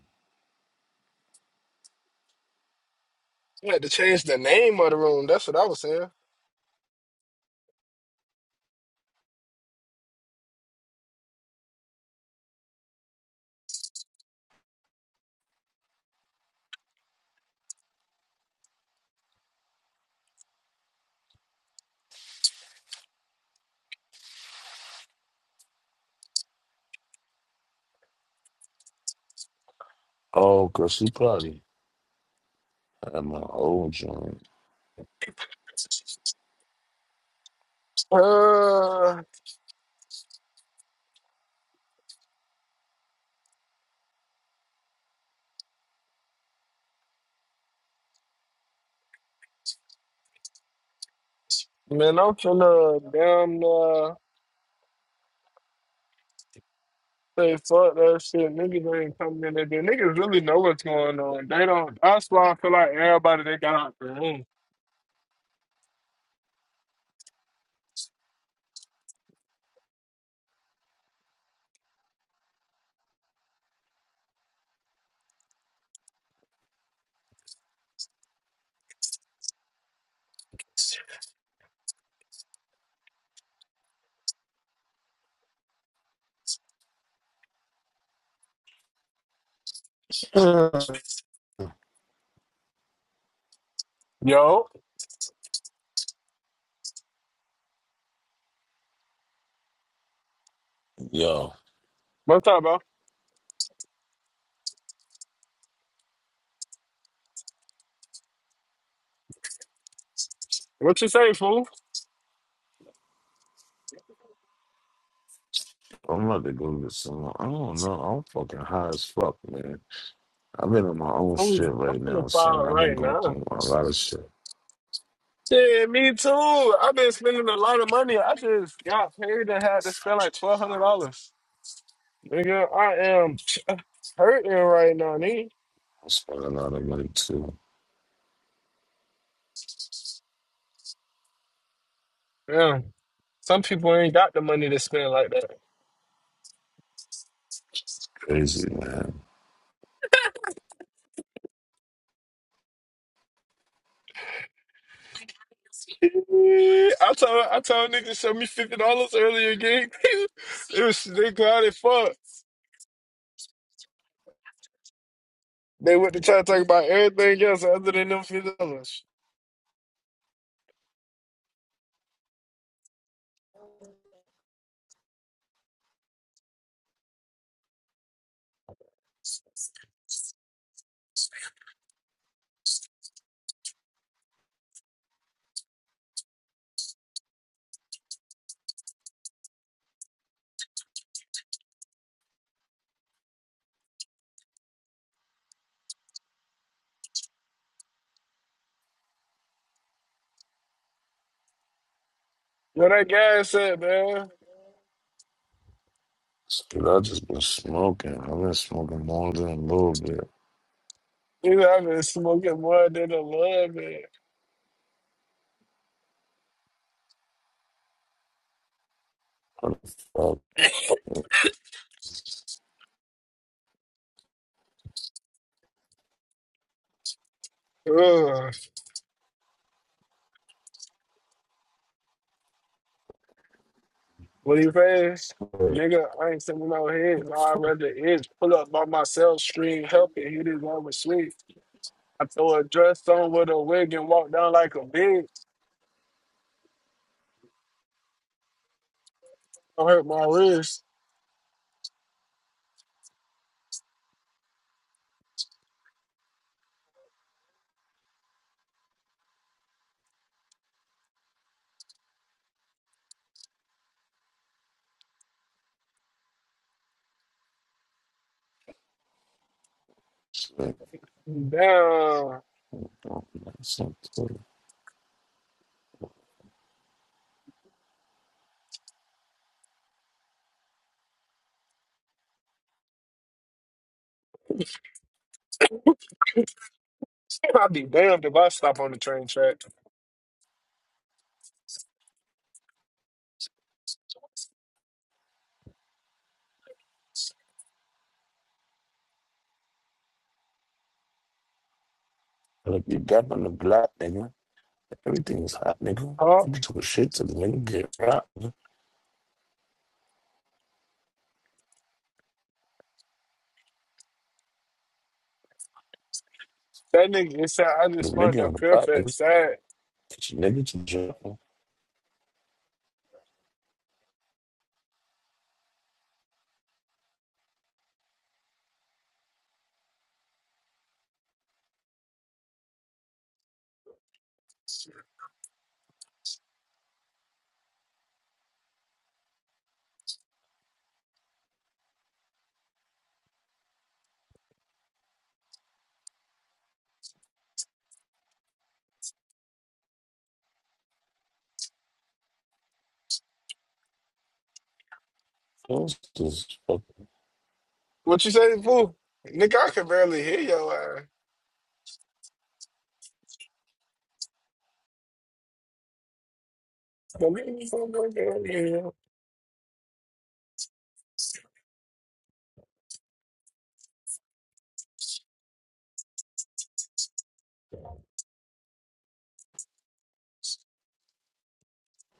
[SPEAKER 2] I had to change the name of the room. That's what I was saying.
[SPEAKER 3] Oh, cause she probably had my old joint.
[SPEAKER 2] Uh, man, I'm finna damn. Say fuck that shit. Niggas ain't coming in there. The Niggas really know what's going on. They don't. That's why I feel like everybody they got out the room.
[SPEAKER 3] Yo,
[SPEAKER 2] Yo, what's up, bro? What you say, fool?
[SPEAKER 3] I'm about to go get some. I don't know. I'm fucking high as fuck, man. I've been on my own
[SPEAKER 2] I'm,
[SPEAKER 3] shit
[SPEAKER 2] I'm
[SPEAKER 3] right
[SPEAKER 2] gonna
[SPEAKER 3] now, son.
[SPEAKER 2] file
[SPEAKER 3] I've been
[SPEAKER 2] right
[SPEAKER 3] going
[SPEAKER 2] now.
[SPEAKER 3] through a lot of shit.
[SPEAKER 2] Shit, me too. I've been spending a lot of money. I just got paid and had to spend like twelve hundred dollars. Nigga, I am hurting right now, nigga.
[SPEAKER 3] I spent a lot of money too.
[SPEAKER 2] Yeah, some people ain't got the money to spend like that.
[SPEAKER 3] Crazy, man.
[SPEAKER 2] I told I told niggas to show me fifty dollars earlier again. it was they clouded fuck. They went to try to talk about everything else other than them fifty dollars. What that guy said, man.
[SPEAKER 3] Dude, I just been smoking. I've been smoking more than a little bit.
[SPEAKER 2] he know, I've been smoking more than a love man.
[SPEAKER 3] What the fuck? It's-
[SPEAKER 2] Ugh. What you paying?
[SPEAKER 3] it's weird.
[SPEAKER 2] Nigga, I ain't sending no heads.
[SPEAKER 3] What the
[SPEAKER 2] I'd
[SPEAKER 3] fuck?
[SPEAKER 2] rather is pull up by myself, scream, help it, hit it on with sweet. I throw a dress on with a wig and walk down like a bitch. I hurt my wrist.
[SPEAKER 3] Shit.
[SPEAKER 2] Damn.
[SPEAKER 3] Oh, man, it's not good.
[SPEAKER 2] I'd be damned if I stop on the train track.
[SPEAKER 3] Like you got on the block, nigga. Everything is hot, nigga.
[SPEAKER 2] Huh?
[SPEAKER 3] Nigga took a shit till the nigga get rocked. nigga.
[SPEAKER 2] That nigga it said I
[SPEAKER 3] Put a
[SPEAKER 2] just smart
[SPEAKER 3] nigga on
[SPEAKER 2] up
[SPEAKER 3] the
[SPEAKER 2] pure
[SPEAKER 3] block,
[SPEAKER 2] fat
[SPEAKER 3] nigga.
[SPEAKER 2] sad.
[SPEAKER 3] Get your nigga to jail. Those just fucking
[SPEAKER 2] What you say, fool? Nigga, I can barely hear your ass. But me and you so good, I can hear you.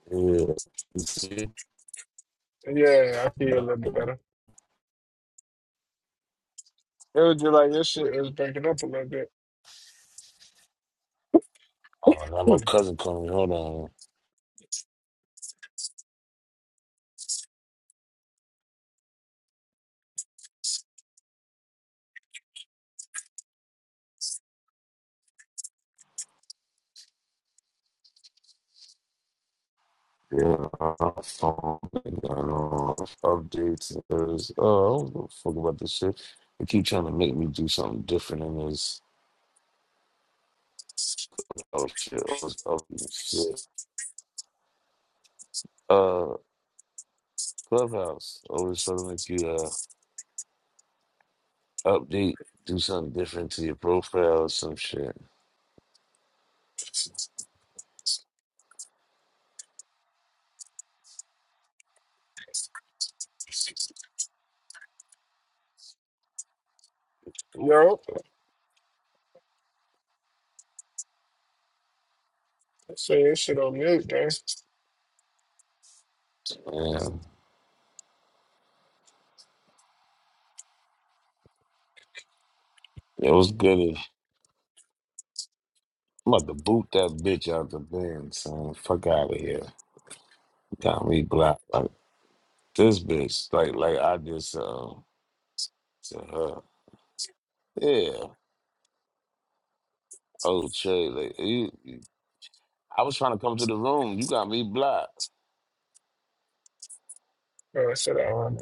[SPEAKER 3] weird. You see?
[SPEAKER 2] Yeah, I feel a little bit better. It was just like your shit was breaking up a little bit.
[SPEAKER 3] Oh, now my cousin called me. Hold on. Yeah, iPhone and um, updates. Is, oh, I don't give a fuck about this shit. They keep trying to make me do something different in this. Oh shit! Oh, this updating shit. Uh, Clubhouse always trying to make you uh update, do something different to your profile or some shit.
[SPEAKER 2] Yo, say this shit on mute, gang.
[SPEAKER 3] Yeah, it was good. I'm about to boot that bitch out the bin, son. Fuck out of here. Got me blocked like this bitch. Like like I just uh to her. Yeah. Oh, Che, like, you, you- I was trying to come to the room. You got me blocked.
[SPEAKER 2] Oh, I said that on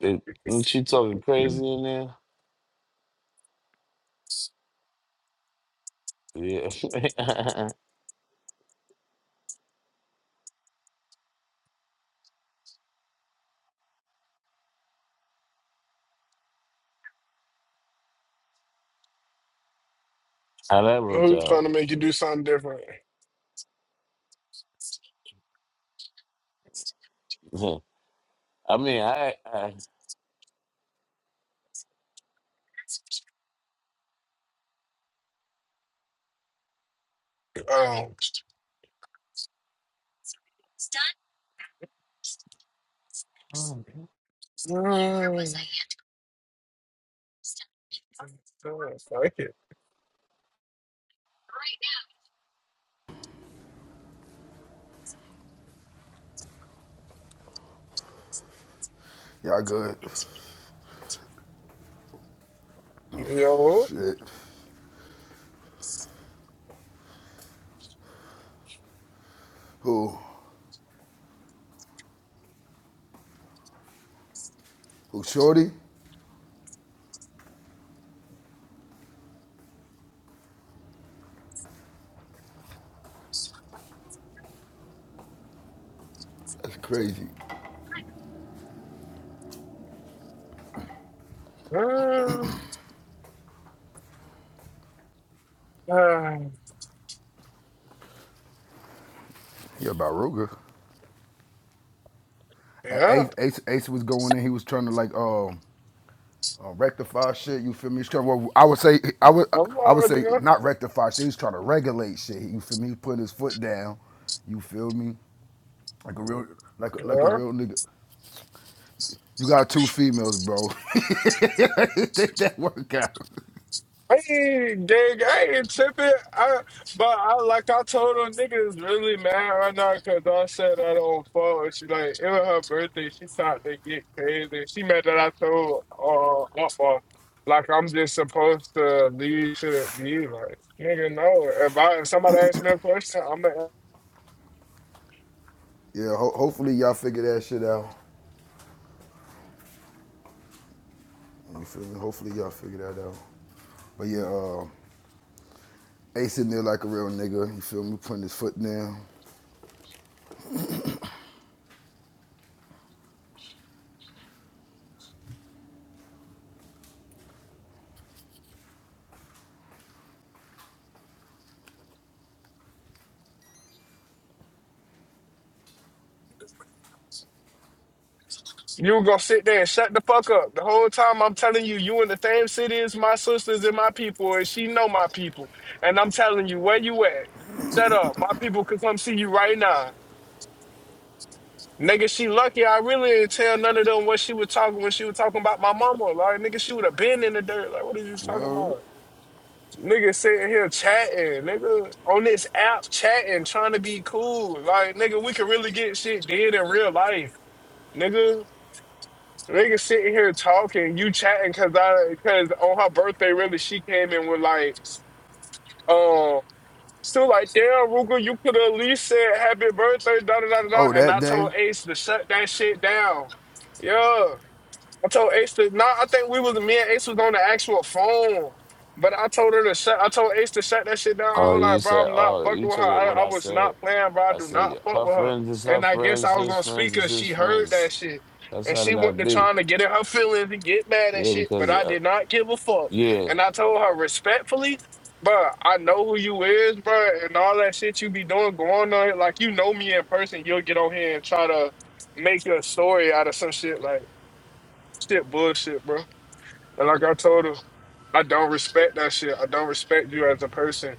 [SPEAKER 3] It, ain't
[SPEAKER 2] it.
[SPEAKER 3] she talking crazy in there? Yeah. How that worked
[SPEAKER 2] Who's trying to
[SPEAKER 3] out?
[SPEAKER 2] make you do something different?
[SPEAKER 3] I mean, I, I.
[SPEAKER 2] Um, fuck it.
[SPEAKER 4] Y'all good?
[SPEAKER 2] Yo,
[SPEAKER 4] Shit. Who? Who? Shorty? That's crazy.
[SPEAKER 2] uh, uh,
[SPEAKER 4] Yeah, about Ruger.
[SPEAKER 2] yeah.
[SPEAKER 4] Ace, Ace, Ace was going in. He was trying to like um uh, rectify shit. You feel me? He's trying. Well, I would say I would
[SPEAKER 2] I'm
[SPEAKER 4] I would say
[SPEAKER 2] already
[SPEAKER 4] not rectify shit. He's trying to regulate shit. You feel me? He's putting his foot down. You feel me? Like a real like a, like a
[SPEAKER 2] Uh,
[SPEAKER 4] real nigga. You got two females, bro. Take that work out.
[SPEAKER 2] I ain't gang, I ain't tripping. I, but I like I told them niggas really mad right now because I said I don't fall. And she like it was her birthday. She thought they get crazy. She mad that I told uh Alpha, like I'm just supposed to leave to leave. Like nigga, no. If I if somebody asks me a question, I'm gonna
[SPEAKER 4] Yeah. Ho- hopefully y'all figure that shit out. You feel me? Hopefully y'all figure that out. But yeah, uh, Ace in there like a real nigga. You feel me? Putting his foot down.
[SPEAKER 2] You were gonna sit there and shut the fuck up. The whole time I'm telling you, you in the same city as my sisters and my people, and she know my people. And I'm telling you, where you at? Shut up. My people could come see you right now. Nigga, she lucky. I really didn't tell none of them what she was talking when she was talking about my mama. Like, nigga, she would have been in the dirt. Like, what are you talking
[SPEAKER 4] Word.
[SPEAKER 2] about? Nigga sitting here chatting, nigga, on this app chatting, trying to be cool. Like, nigga, we could really get shit did in real life, nigga. Nigga sitting here talking, you chatting because I because on her birthday, really, she came in with like, um, still like, damn, Ruger, you could have at least said happy birthday, da da da da. da,"
[SPEAKER 4] Oh,
[SPEAKER 2] And
[SPEAKER 4] that
[SPEAKER 2] I
[SPEAKER 4] day.
[SPEAKER 2] told Ace to shut that shit down. Yeah. I told Ace to no, I think we was me and Ace was on the actual phone. But I told her to shut I told Ace to shut that shit down. I
[SPEAKER 3] Oh,
[SPEAKER 2] was
[SPEAKER 3] you
[SPEAKER 2] like, bro,
[SPEAKER 3] said,
[SPEAKER 2] I'm not
[SPEAKER 3] oh,
[SPEAKER 2] fucking
[SPEAKER 3] you
[SPEAKER 2] with
[SPEAKER 3] took
[SPEAKER 2] her.
[SPEAKER 3] it what
[SPEAKER 2] I, I
[SPEAKER 3] I
[SPEAKER 2] was
[SPEAKER 3] said.
[SPEAKER 2] not playing, bro. I
[SPEAKER 3] I
[SPEAKER 2] do not
[SPEAKER 3] said,
[SPEAKER 2] fuck
[SPEAKER 3] her
[SPEAKER 2] with her.
[SPEAKER 3] friends is her
[SPEAKER 2] And I guess
[SPEAKER 3] friends,
[SPEAKER 2] I was
[SPEAKER 3] his
[SPEAKER 2] on
[SPEAKER 3] friends
[SPEAKER 2] speaker.
[SPEAKER 3] is his
[SPEAKER 2] She heard that
[SPEAKER 3] friends.
[SPEAKER 2] shit.
[SPEAKER 3] That's
[SPEAKER 2] And
[SPEAKER 3] how it
[SPEAKER 2] she
[SPEAKER 3] gotta
[SPEAKER 2] went to
[SPEAKER 3] be.
[SPEAKER 2] trying to get in her feelings and get mad and
[SPEAKER 3] Yeah,
[SPEAKER 2] shit. But
[SPEAKER 3] because,
[SPEAKER 2] I
[SPEAKER 3] uh,
[SPEAKER 2] did not give a fuck.
[SPEAKER 3] yeah.
[SPEAKER 2] And I told her respectfully, bro, I know who you is, bro, and all that shit you be doing going on. Like you know me in person, you'll get on here and try to make a story out of some shit. Like Shit, bullshit, bro. And like I told her, I don't respect that shit. I don't respect you as a person.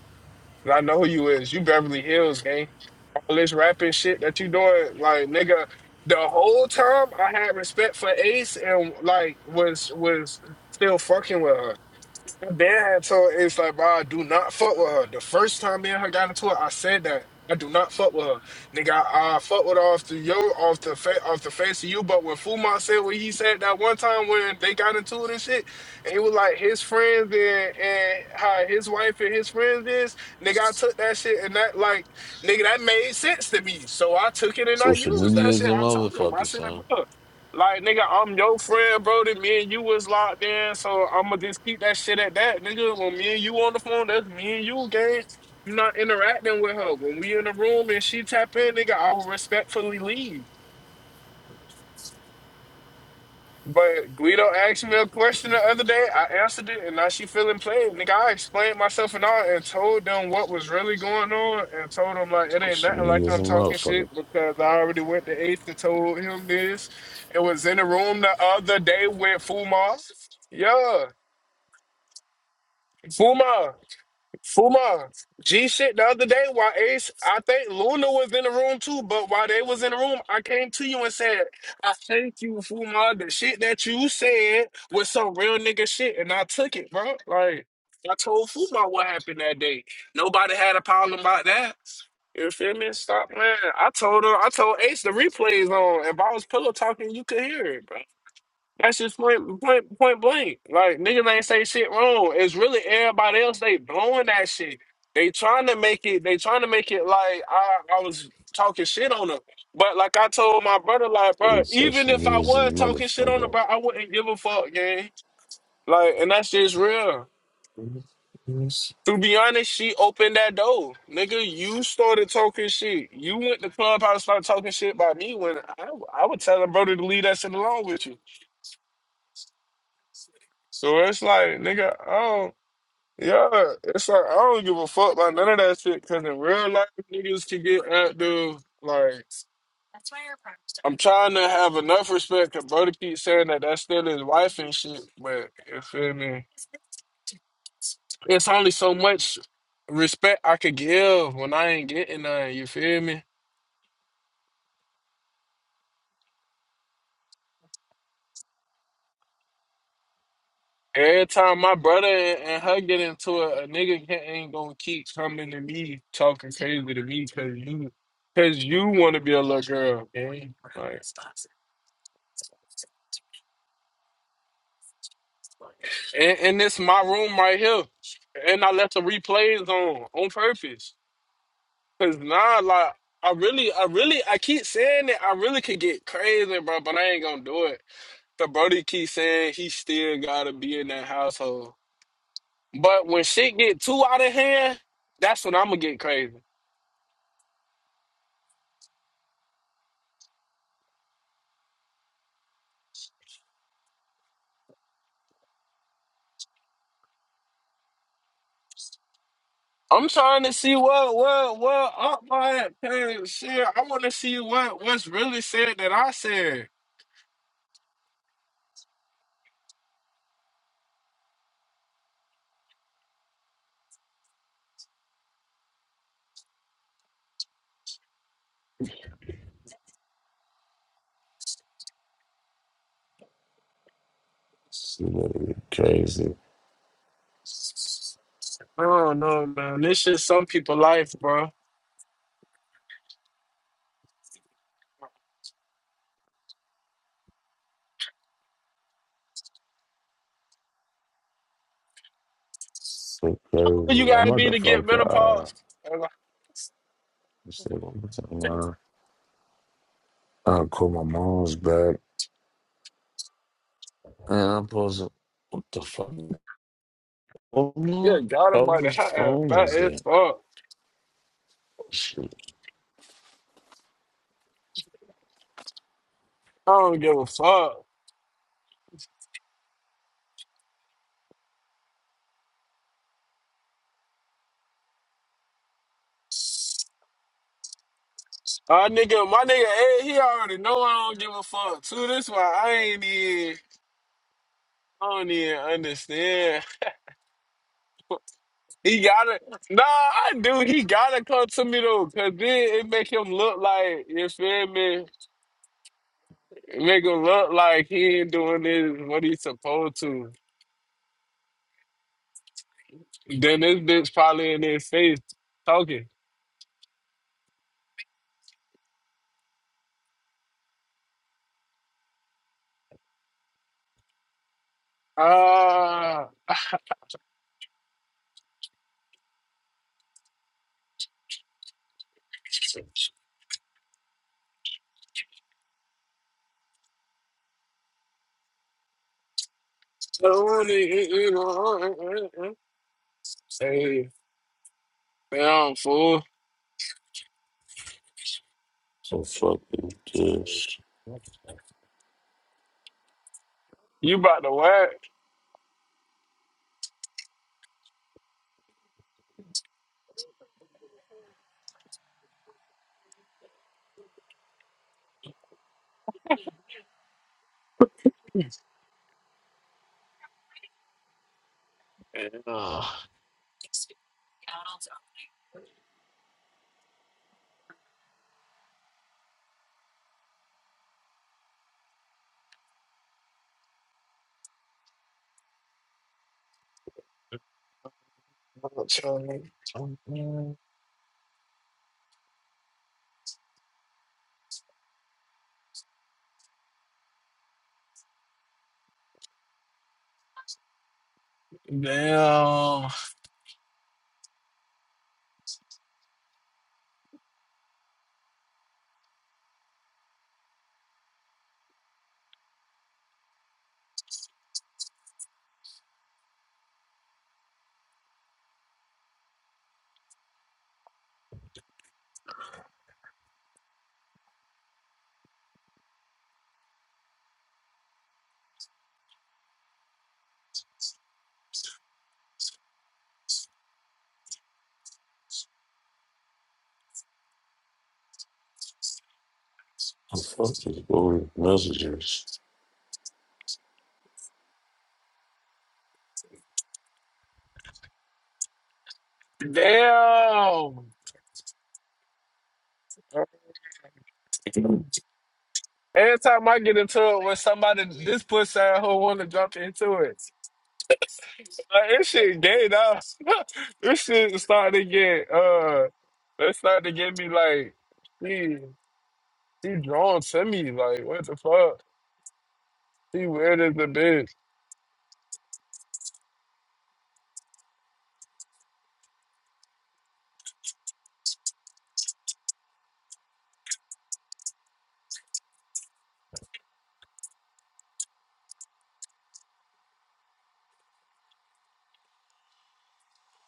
[SPEAKER 2] And I know who you is. You Beverly Hills, gang. All this rapping shit that you doing, like nigga, the whole time I had respect for Ace and like was was still fucking with her. And Then so it's like, bro, I do not fuck with her. The first time me and her got into it, I said that. I do not fuck with her. Nigga, I, I fuck with her off the yo off the fa- off the face of you. But when Fumont said what he said that one time when they got into it and shit, and it was like his friends and, and how his wife and his friends is, nigga, I took that shit and that like nigga that made sense to me. So I took it and I
[SPEAKER 3] Social
[SPEAKER 2] used that
[SPEAKER 3] media is
[SPEAKER 2] shit.
[SPEAKER 3] a
[SPEAKER 2] I told him. I
[SPEAKER 3] motherfucker,
[SPEAKER 2] said,
[SPEAKER 3] son.
[SPEAKER 2] bro. Like nigga, I'm your friend, bro. That me and you was locked in, so I'ma just keep that shit at that, nigga. When me and you on the phone, that's me and you, gang. You not interacting with her. When we in the room and she tap in, nigga, I'll respectfully leave. But Guido asked me a question the other day. I answered it, and now she feeling played. Nigga, I explained myself and all, and told them what was really going on, and told them like it ain't
[SPEAKER 3] Social
[SPEAKER 2] nothing like
[SPEAKER 3] media is a
[SPEAKER 2] I'm talking
[SPEAKER 3] motherfucker.
[SPEAKER 2] shit because I already went to eighth and told him this. It was in the room the other day with Fuma. Yeah, Fuma. Fuma, G shit the other day while Ace, I think Luna was in the room too, but while they was in the room, I came to you and said, I thank you, Fuma. The shit that you said was some real nigga shit, and I took it, bro. Like, I told Fuma what happened that day. Nobody had a problem about that. You feel me? Stop, man. I told her, I told Ace the replays on. If I was pillow talking, you could hear it, that's just point, point, point blank. Like niggas ain't say shit wrong. It's really everybody else. They blowing that shit. They trying to make it. They trying to make it like I, I was talking shit on them. But like I told my brother, like bro, even
[SPEAKER 3] Social
[SPEAKER 2] if I
[SPEAKER 3] media is a
[SPEAKER 2] was talking shit on her,
[SPEAKER 3] motherfucker.
[SPEAKER 2] bro, I wouldn't give a fuck, gang. Like, and that's just real.
[SPEAKER 3] This nigga is
[SPEAKER 2] To be honest, she opened that door, nigga. You started talking shit. You went to clubhouse, started talking shit about me when I, I would tell her brother to leave that shit alone with you. So it's like, nigga, oh. Yeah, it's like I don't give a fuck about none of that shit. Cause in real life, niggas can get active. Like I'm trying to have enough respect. Cause brother keep saying that that's still his wife and shit. But you feel me? It's only so much respect I could give when I ain't getting none. You feel me? Every time my brother and, and her get into it, a nigga can't, ain't gonna keep coming to me talking crazy to me because you, cause you want to be a little girl. Man. Like, And, and this my room right here. And I left the replays on on purpose. Cause nah, like I really, I really, I keep saying that I really could get crazy, bro, but I ain't gonna do it. The Brody keep saying he still gotta be in that household. But when shit get too out of hand, that's when I'm gonna get crazy. I'm trying to see what what what up my parents shit. I want to see what what's really said that I said.
[SPEAKER 3] literally crazy.
[SPEAKER 2] I don't know, man. This is some people' life, bro.
[SPEAKER 3] So
[SPEAKER 2] What you
[SPEAKER 3] crazy. I'm
[SPEAKER 2] gotta be to get
[SPEAKER 3] motherfucker. Uh,
[SPEAKER 2] menopause? And
[SPEAKER 3] this nigga, what's up,
[SPEAKER 2] I-
[SPEAKER 3] man? I call my mom's back. And I'm supposed to, what the fuck? Oh
[SPEAKER 2] Yeah,
[SPEAKER 3] no.
[SPEAKER 2] God
[SPEAKER 3] How
[SPEAKER 2] Almighty,
[SPEAKER 3] the
[SPEAKER 2] I am
[SPEAKER 3] phone
[SPEAKER 2] fat
[SPEAKER 3] is
[SPEAKER 2] as
[SPEAKER 3] that?
[SPEAKER 2] fuck.
[SPEAKER 3] Oh, Shit.
[SPEAKER 2] I don't give a fuck. Our nigga, my nigga, Ed, he already know I don't give a fuck too. This why I ain't even, I don't even understand. He gotta, nah, I do. He gotta come to me though, cause then it make him look like, you feel me? It make him look like he ain't doing this what he's supposed to. Then this bitch probably in his face talking. Ah. Say, damn, fool.
[SPEAKER 3] So fuck is this?
[SPEAKER 2] You about to work. Yeah. Damn.
[SPEAKER 3] The fuck is all these messages?
[SPEAKER 2] Damn. Every time I get into it with somebody, this pussy who want to jump into it. Like, this shit gay, though. this shit starting to get, uh, it starting to get me like, she, she drawn to me. Like, what the fuck? She weird as a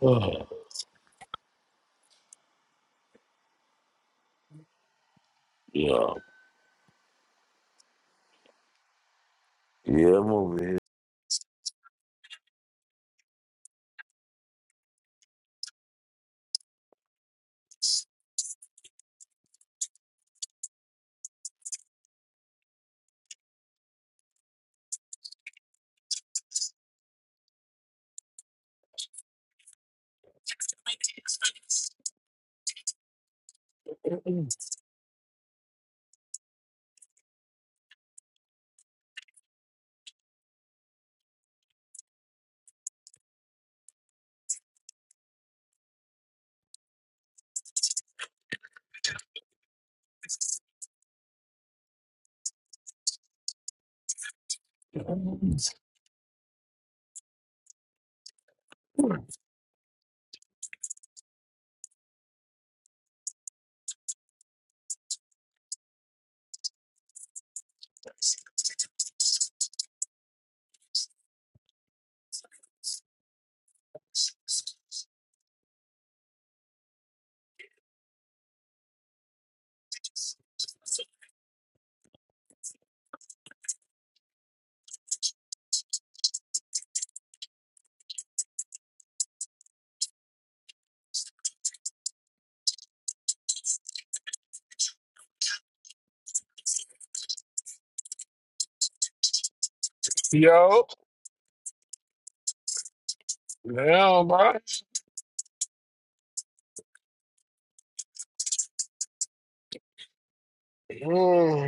[SPEAKER 3] Oh, yeah. Yeah, I'm over here.
[SPEAKER 2] bitch. Yo, damn, man. Mm.